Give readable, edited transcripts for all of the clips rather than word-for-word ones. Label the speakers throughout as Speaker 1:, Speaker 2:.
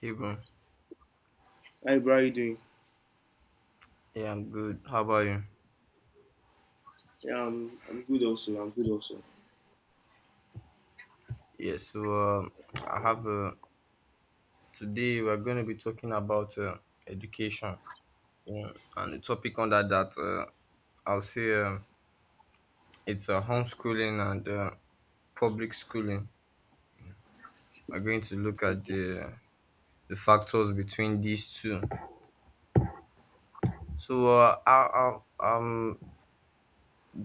Speaker 1: Hey bro,
Speaker 2: Hi, bro. How you doing?
Speaker 1: yeah, I'm good. How about you?
Speaker 2: Yeah, I'm good also. I'm good also.
Speaker 1: Yeah, so um, I have today we're going to be talking about education, you, and the topic under that I'll say it's homeschooling and public schooling. We're going to look at
Speaker 2: Okay.
Speaker 1: the factors between these two. So I'm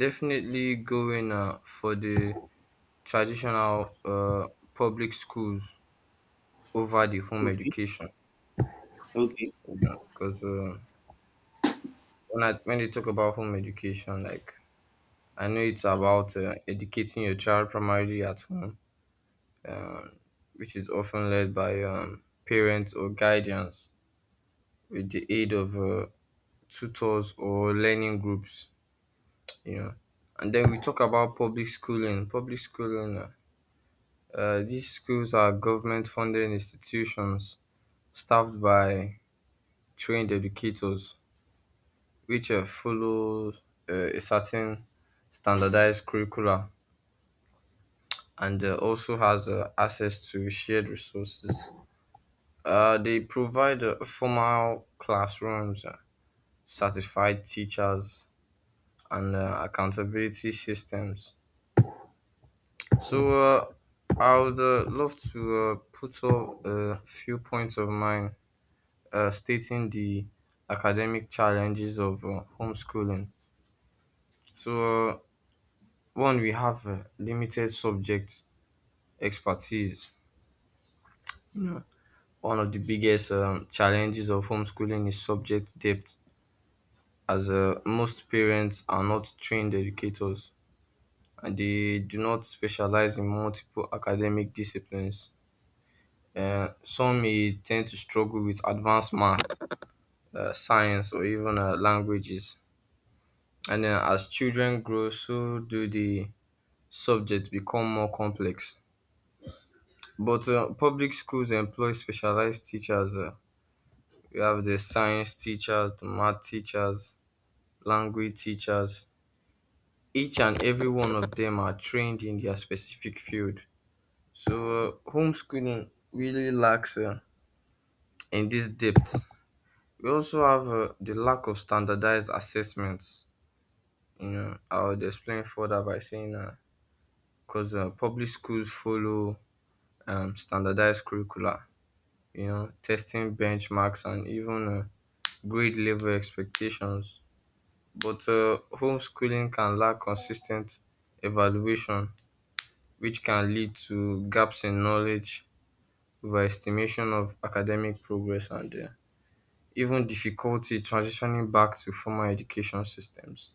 Speaker 1: definitely going for the traditional public schools over the home
Speaker 2: Okay.
Speaker 1: education
Speaker 2: Okay.
Speaker 1: because when they talk about home education, like I know it's about educating your child primarily at home, um, which is often led by parents or guardians with the aid of tutors or learning groups, you know. And then we talk about public schooling. Public schooling: these schools are government-funded institutions staffed by trained educators, which follow a certain standardized curricula and also has access to shared resources. They provide formal classrooms, certified teachers, and accountability systems. So I would love to put up a few points of mine stating the academic challenges of homeschooling. So, one, we have limited subject expertise. Yeah. One of the biggest challenges of homeschooling is subject depth, as most parents are not trained educators and they do not specialize in multiple academic disciplines. Some may tend to struggle with advanced math, science, or even languages. And then as children grow, so do the subjects become more complex. But public schools employ specialized teachers. We have the science teachers, the math teachers, language teachers. Each and every one of them are trained in their specific field. So homeschooling really lacks in this depth. We also have the lack of standardized assessments. You know, I will explain further by saying that because public schools follow standardized curricula. You know, testing benchmarks and even grade level expectations. But homeschooling can lack consistent evaluation which can lead to gaps in knowledge, overestimation of academic progress, and even difficulty transitioning back to formal education systems.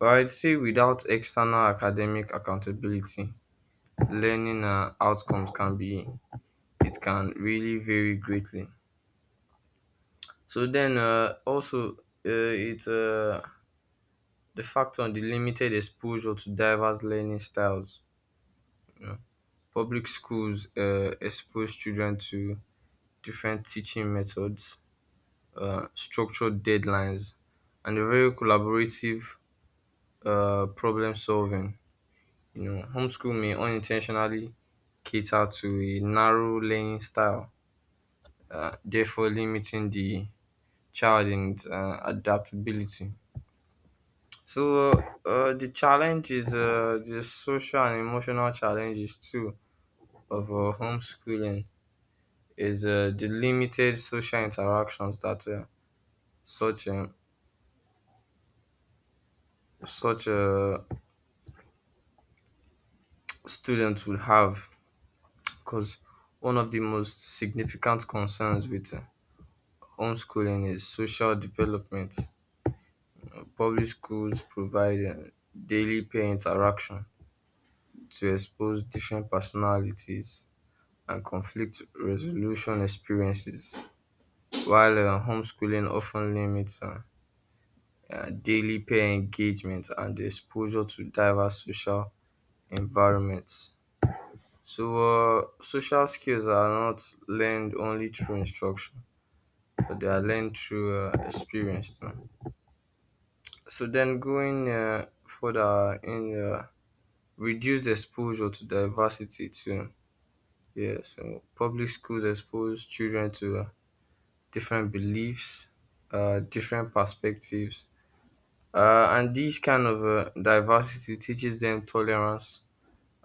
Speaker 1: But I'd say without external academic accountability, learning outcomes can be it can really vary greatly. So then, also, it the fact on the limited exposure to diverse learning styles. You know, public schools expose children to different teaching methods, structured deadlines, and a very collaborative problem solving. You know, homeschool may unintentionally cater to a narrow learning style, therefore limiting the child in its, adaptability. So uh, the challenge is the social and emotional challenges too of homeschooling is the limited social interactions that such such students will have because one of the most significant concerns with homeschooling is social development. Public schools provide daily peer interaction to expose different personalities and conflict resolution experiences, while homeschooling often limits daily peer engagement and exposure to diverse social environments. So, social skills are not learned only through instruction but they are learned through experience. No? So then going further in reduced exposure to diversity too. Yeah, so public schools expose children to different beliefs, different perspectives, and this kind of diversity teaches them tolerance,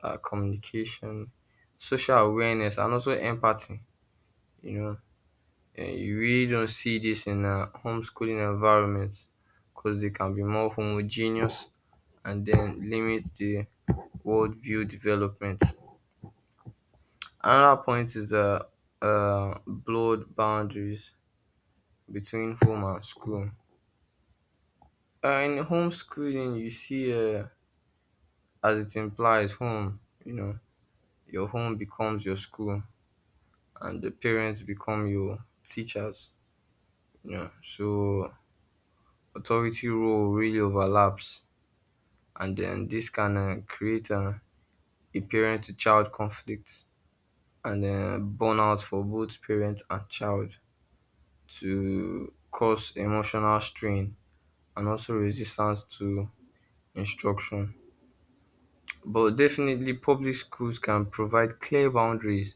Speaker 1: communication, social awareness, and also empathy. You know, And you really don't see this in homeschooling environments because they can be more homogeneous and then limit the worldview development. Another point is blurred boundaries between home and school. In homeschooling, you see, as it implies, home, you know, your home becomes your school and the parents become your teachers, you know, so authority role really overlaps and then this can create a parent to child conflict and burnout for both parent and child to cause emotional strain and also resistance to instruction. But definitely, public schools can provide clear boundaries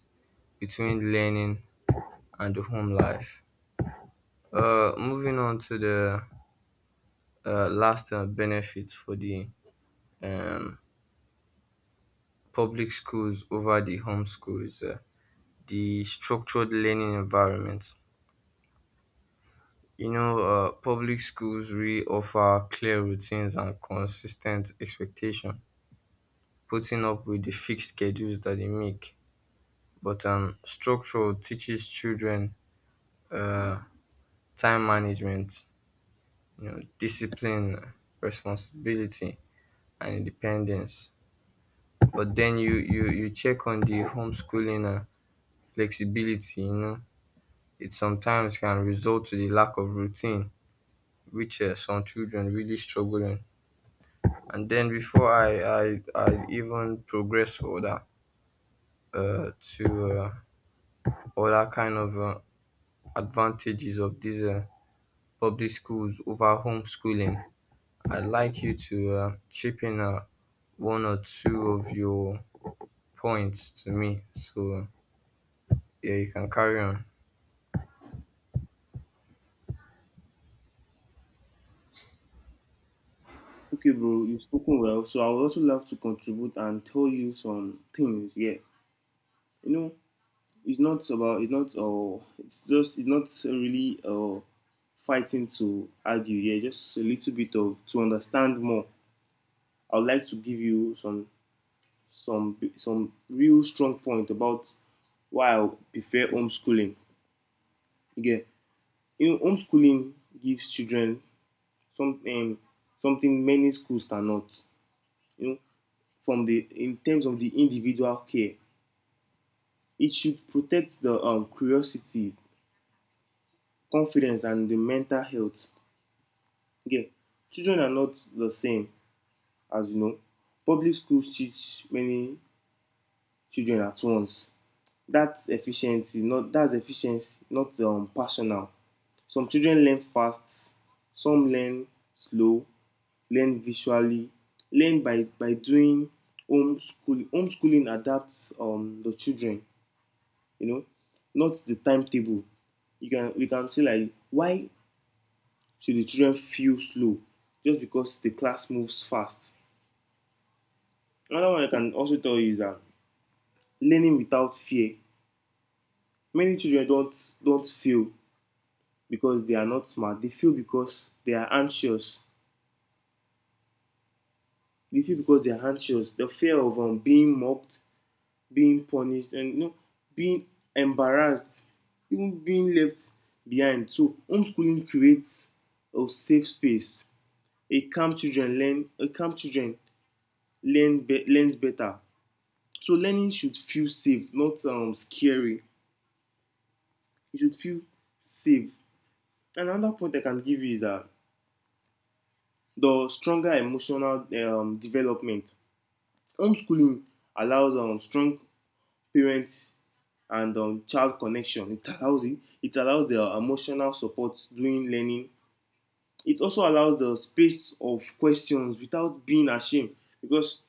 Speaker 1: between learning and the home life. Moving on to the last benefits for the um, public schools over the home schools, the structured learning environment. You know, public schools really offer clear routines and consistent expectation, putting up with the fixed schedules that they make. But structure teaches children uh, time management, you know, discipline, responsibility, and independence. But then you check on the homeschooling flexibility. You know, it sometimes can result to the lack of routine, which some children really struggle in. And then before I even progress further to other kind of advantages of these public schools over homeschooling, I'd like you to chip in one or two of your points to me. So yeah, you can carry on.
Speaker 2: Okay, bro. You've spoken well. So I would also love to contribute and tell you some things. Yeah. You know, it's not about, it's not, it's just, it's not really fighting to argue. Yeah, just a little bit of, to understand more. I would like to give you some real strong point about why I prefer homeschooling. Yeah, you know, homeschooling gives children some, um, something many schools cannot. You know, from the in terms of the individual care, it should protect the curiosity, confidence, and the mental health. Again, yeah, children are not the same, as you know. Public schools teach many children at once. That's efficiency, not personal. Some children learn fast, some learn slow, learn visually, learn by doing homeschooling. Homeschooling adapts the children, you know, not the timetable. You can We can say like why should the children feel slow just because the class moves fast? Another one I can also tell you is that learning without fear. Many children don't fail because they are not smart. They fail because they are anxious. They fail because they are anxious. The fear of being mocked, being punished, and, you know, being embarrassed, even being left behind. So homeschooling creates a safe space. A calm children learn a calm children learns better. So learning should feel safe, not scary. It should feel safe. And another point I can give you is that the stronger emotional development. Homeschooling allows strong parents and child connection. It allows the emotional support during learning. It also allows the space of questions without being ashamed, because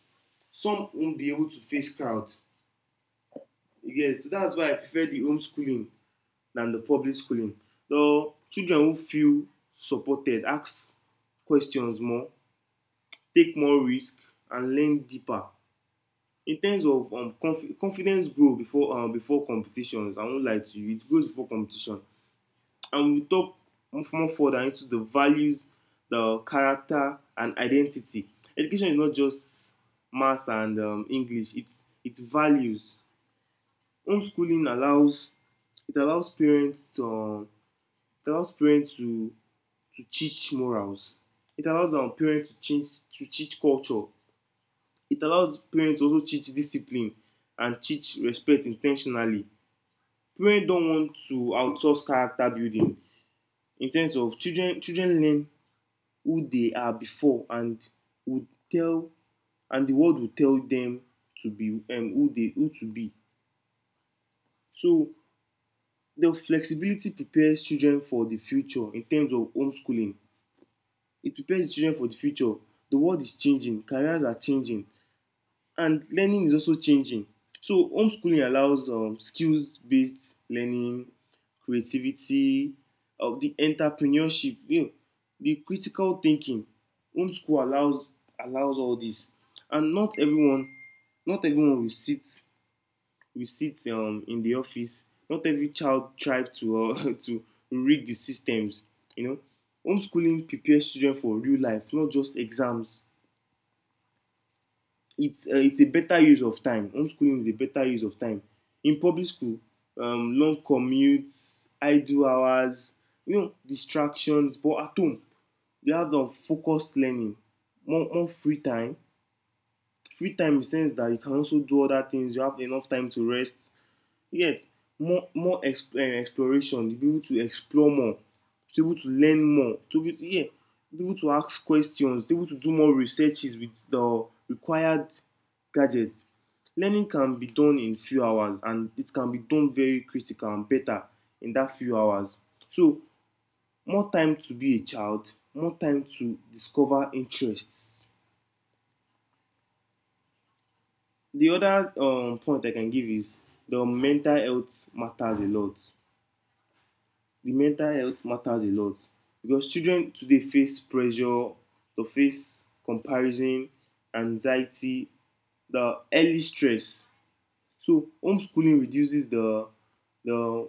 Speaker 2: some won't be able to face crowd. Yes, so that's why I prefer the homeschooling than the public schooling. So children who feel supported ask questions more, take more risk, and learn deeper. In terms of confidence grow before before competitions, I won't lie to you, it grows before competition. And we'll talk much more further into the values, the character, and identity. Education is not just maths and English; it's values. Homeschooling allows It allows parents to it allows parents to to teach morals. It allows our parents to teach culture. It allows parents to also teach discipline and teach respect intentionally. Parents don't want to outsource character building in terms of Children learn who they are before, and would tell and the world will tell them to be who to be. So the flexibility prepares children for the future in terms of homeschooling. It prepares the children for the future. The world is changing, careers are changing, and learning is also changing. So homeschooling allows skills based learning, creativity, the entrepreneurship, you know, the critical thinking. Homeschool allows all this. And not everyone will sit in the office. Not every child thrive to to rig the systems, you know. Homeschooling prepares children for real life, not just exams. It's a better use of time. Homeschooling is a better use of time. In public school, long commutes, idle hours, you know, distractions. But at home you have the focused learning, more free time. Free time in the sense that you can also do other things. You have enough time to rest, yet more exploration, to be able to explore more, to be able to learn more, to be, yeah, be able to ask questions, to be able to do more researches with the required gadgets. Learning can be done in few hours, and it can be done very critical and better in that few hours. So more time to be a child, more time to discover interests. The other point I can give is the mental health matters a lot. The mental health matters a lot, because children today face pressure, they face comparison, anxiety, the early stress. So homeschooling reduces the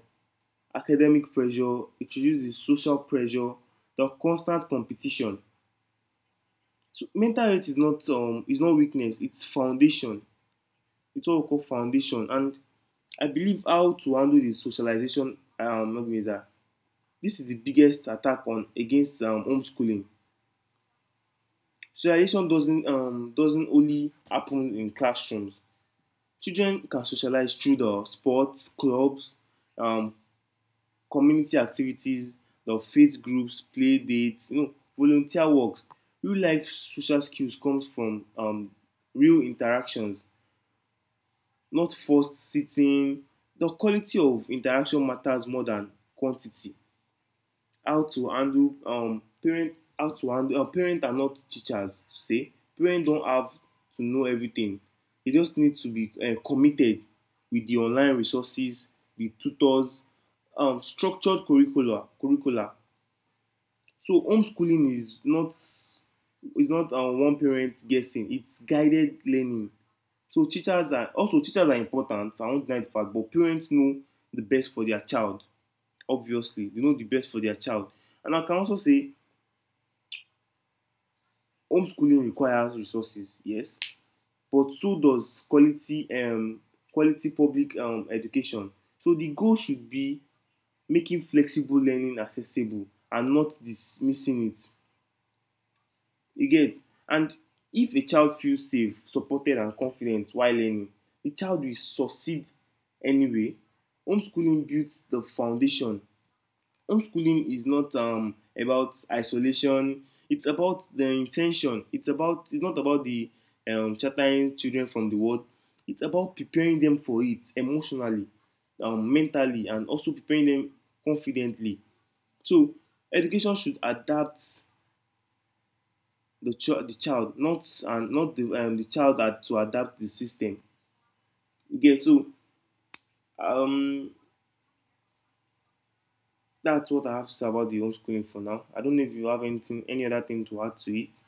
Speaker 2: academic pressure, it reduces social pressure, the constant competition. So mental health is not is not weakness, it's foundation. It's what we call foundation. And I believe how to handle the socialization, this is the biggest attack on against homeschooling. Socialization doesn't only happen in classrooms. Children can socialize through the sports, clubs, um, community activities, the faith groups, play dates, you know, volunteer works. Real life social skills comes from real interactions, not forced sitting. The quality of interaction matters more than quantity. How to handle parent how to handle, parent are not teachers, to say parent don't have to know everything. They just need to be committed with the online resources, the tutors, structured curricula. So homeschooling is not one parent guessing, it's guided learning. So teachers are important. I won't deny the fact, but parents know the best for their child. Obviously, they know the best for their child. And I can also say homeschooling requires resources, yes, but so does quality public education. So the goal should be making flexible learning accessible and not dismissing it. You get. And if a child feels safe, supported, and confident while learning, the child will succeed anyway. Homeschooling builds the foundation. Homeschooling is not about isolation, it's about the intention. It's not about the sheltering children from the world, it's about preparing them for it emotionally, mentally, and also preparing them confidently. So education should adapt the child, not the child had to adapt the system. Okay, so um, that's what I have to say about the homeschooling for now. I don't know if you have anything, any other thing to add to it.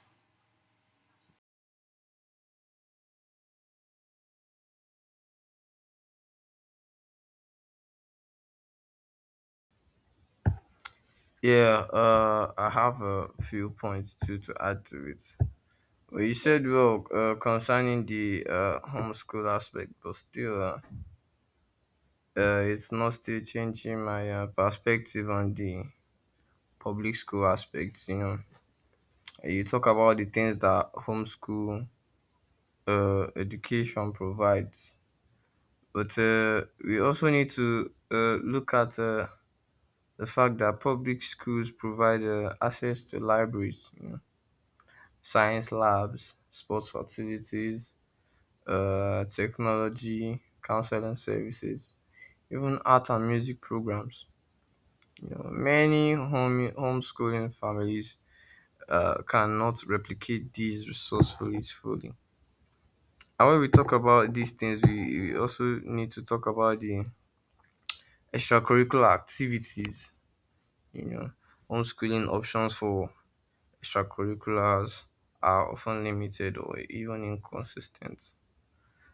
Speaker 1: Yeah, I have a few points to add to it. Well, you said well concerning the homeschool aspect, but still, it's not still changing my perspective on the public school aspect. You know, you talk about the things that homeschool education provides, but we also need to look at the fact that public schools provide access to libraries, you know, science labs, sports facilities, technology, counseling services, even art and music programs. You know, many homeschooling families cannot replicate these resourcefulness fully. And when we talk about these things, we also need to talk about the extracurricular activities. You know, homeschooling options for extracurriculars are often limited or even inconsistent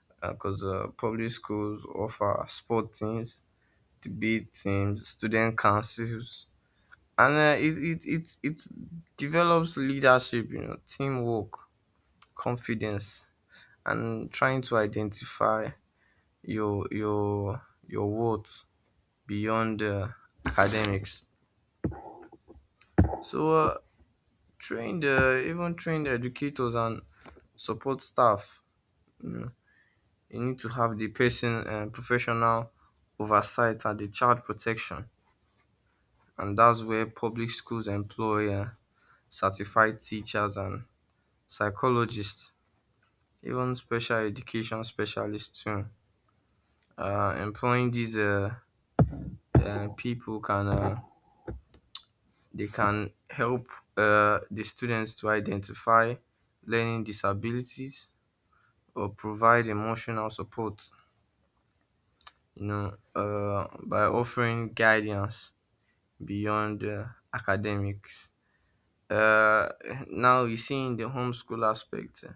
Speaker 1: because 'cause public schools offer sport teams, debate teams, student councils. And it develops leadership, you know, teamwork, confidence, and trying to identify your worth beyond academics. So trained even trained educators and support staff, you know, you need to have the person professional oversight and the child protection, and that's where public schools employ certified teachers and psychologists, even special education specialists too. Employing these people can they can help the students to identify learning disabilities or provide emotional support, you know, by offering guidance beyond academics. Uh, now you see in the homeschool aspect,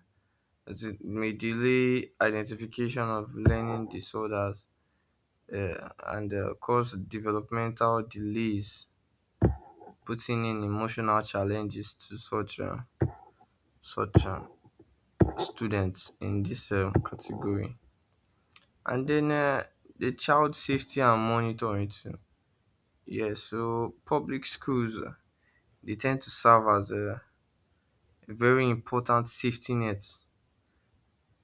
Speaker 1: it may delay identification of learning disorders and cause developmental delays, putting in emotional challenges to such students in this category. And then the child safety and monitoring too. Yeah, so public schools they tend to serve as a very important safety net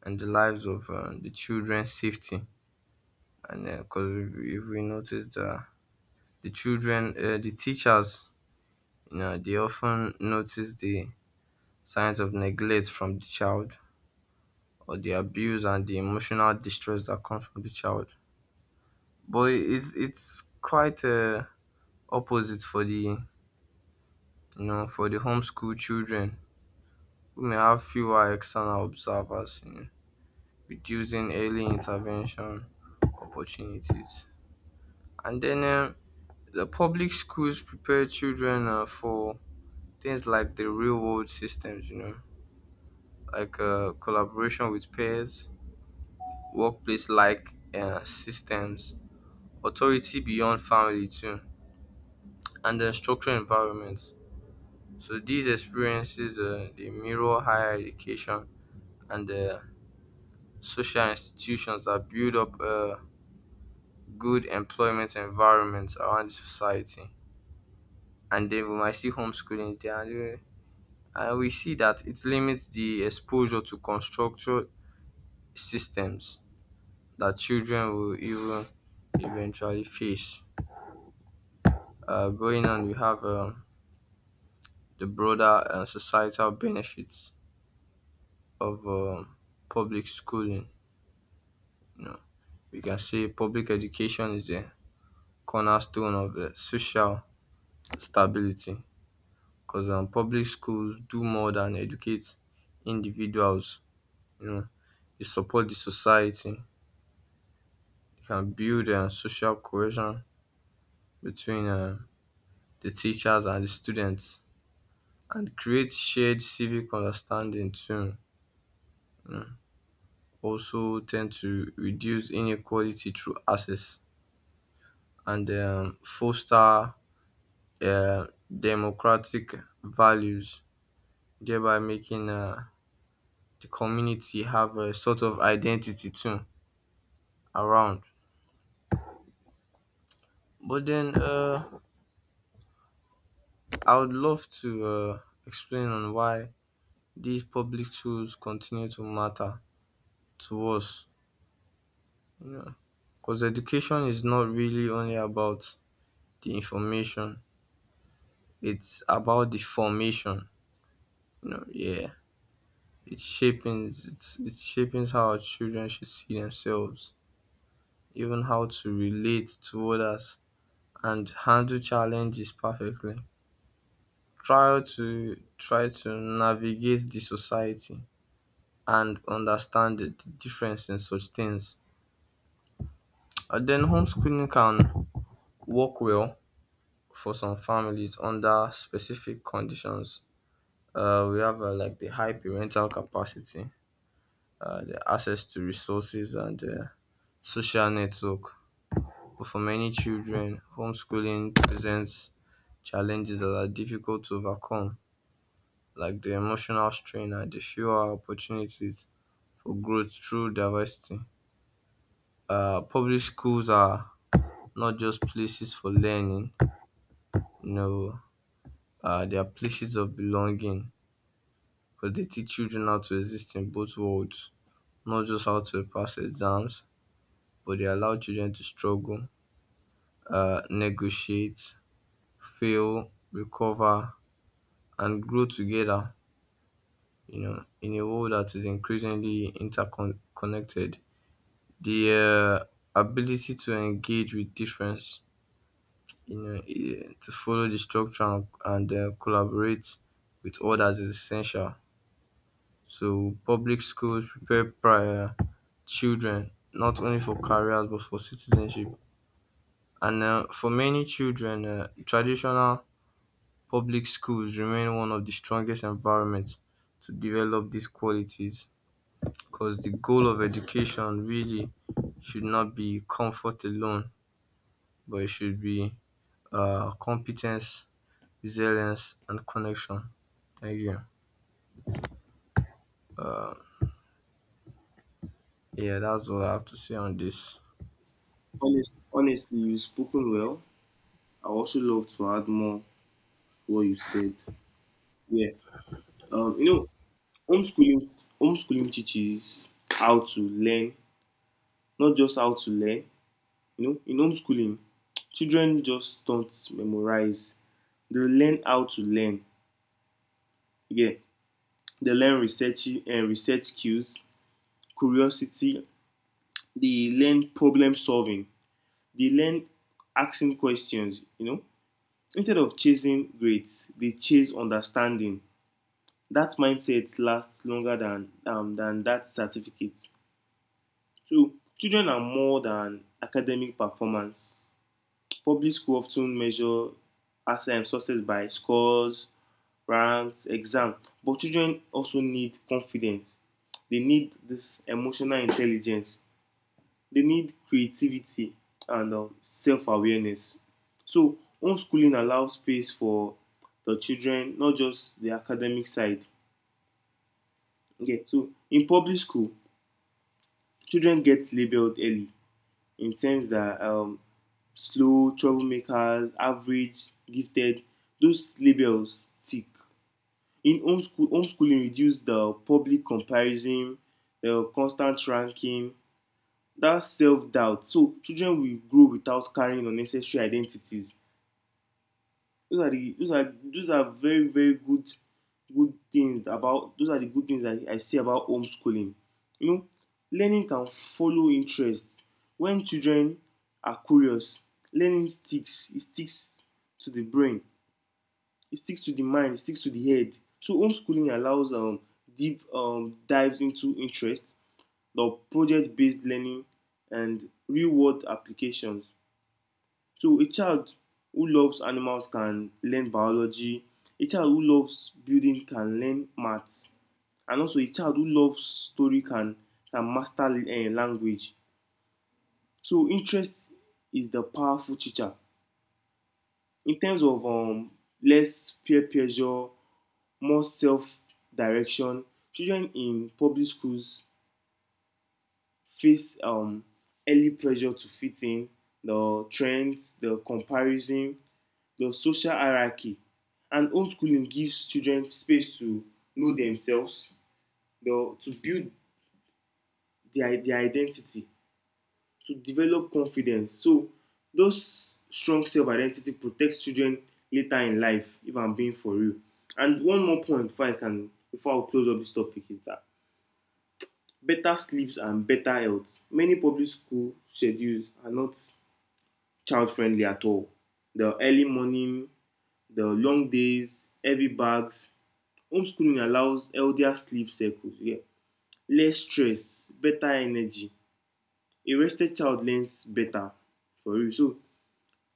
Speaker 1: in the lives of the children's safety. And because if we notice the children, the teachers, you know, they often notice the signs of neglect from the child or the abuse and the emotional distress that comes from the child. But it's quite opposite for the, you know, for the homeschool children who may have fewer external observers, you know, reducing early intervention opportunities. And then the public schools prepare children for things like the real world systems, you know, like collaboration with peers, workplace like systems, authority beyond family too, and then structural environments. So these experiences they mirror higher education and the social institutions that build up good employment environments around the society. And then we might see homeschooling there, and we see that it limits the exposure to constructed systems that children will even eventually face. Going on, we have the broader societal benefits of public schooling. You know, we can say public education is a cornerstone of social stability because public schools do more than educate individuals. You know, they support the society. They can build social cohesion between the teachers and the students and create shared civic understanding too, you know. Also, tend to reduce inequality through access and foster democratic values, thereby making the community have a sort of identity too around. But then I would love to explain on why these public schools continue to matter to us. You know, because education is not really only about the information; it's about the formation. You know, yeah, it shaping it's it shaping how our children should see themselves, even how to relate to others and handle challenges perfectly. Try to navigate the society and understand the difference in such things. And then homeschooling can work well for some families under specific conditions. We have like the high parental capacity, the access to resources, and the social network. But for many children, homeschooling presents challenges that are difficult to overcome, like the emotional strain and the fewer opportunities for growth through diversity. Public schools are not just places for learning, you know, they are places of belonging because they teach children how to exist in both worlds, not just how to pass exams, but they allow children to struggle, negotiate, fail, recover, and grow together. You know, in a world that is increasingly interconnected, the ability to engage with difference, you know, to follow the structure and collaborate with others is essential. So public schools prepare prior children not only for careers but for citizenship. And for many children, traditional public schools remain one of the strongest environments to develop these qualities. Because the goal of education really should not be comfort alone, but it should be competence, resilience, and connection. Thank you. Yeah, that's all I have to say on this.
Speaker 2: Honestly, you've spoken well. I also love to add more to what you said. Yeah. You know, homeschooling homeschooling teaches how to learn, not just how to learn. You know, in homeschooling, children just don't memorize. They learn how to learn. Yeah. They learn research skills, curiosity. They learn problem solving. They learn asking questions. You know, instead of chasing grades, they chase understanding. That mindset lasts longer than that certificate. So children are more than academic performance. Public school often measure as success by scores, ranks, exam. But children also need confidence. They need this emotional intelligence. They need creativity and self awareness. So, homeschooling allows space for the children, not just the academic side. Okay, so in public school, children get labeled early in terms that slow, troublemakers, average, gifted, those labels stick. In homeschooling reduce the public comparison, the constant ranking, that self doubt. So children will grow without carrying unnecessary identities. Those are those are very very good good things about those are the good things I see about homeschooling, you know. Learning can follow interests. When children are curious, learning sticks. It sticks to the brain, it sticks to the mind, it sticks to the head. So homeschooling allows deep dives into interest, the project-based learning, and real-world applications. So a child who loves animals can learn biology. A child who loves building can learn maths, and also a child who loves story can master language. So interest is the powerful teacher. In terms of less peer pressure, more self-direction, children in public schools face early pressure to fit in, the trends, the comparison, the social hierarchy. And homeschooling gives children space to know themselves, the to build their identity, to develop confidence. So those strong self-identity protects children later in life, if I'm being for real. And one more point before I can before I close up this topic is that better sleeps and better health. Many public school schedules are not child friendly at all. The early morning, the long days, heavy bags. Homeschooling allows healthier sleep cycles, yeah, less stress, better energy. A rested child learns better for real. So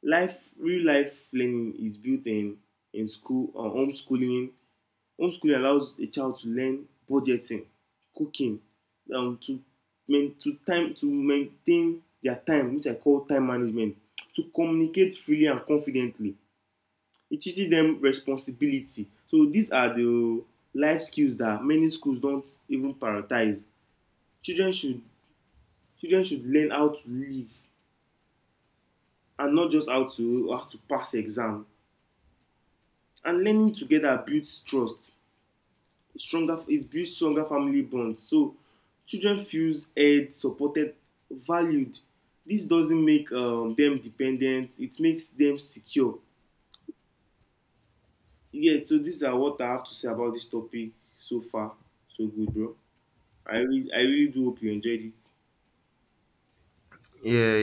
Speaker 2: life real life learning is built in. In school or Homeschooling allows a child to learn budgeting, cooking, um to to maintain their time, which I call time management, to communicate freely and confidently. It teaches them responsibility. So these are the life skills that many schools don't even prioritize. children should Children should learn how to live, and not just how to pass exam. And learning together builds trust stronger. It builds stronger family bonds. So children feels heard, supported, valued. This doesn't make them dependent, it makes them secure. Yeah, so these are what I have to say about this topic. So far, so good, bro. I really I really do hope you enjoyed it.
Speaker 1: Yeah, yeah.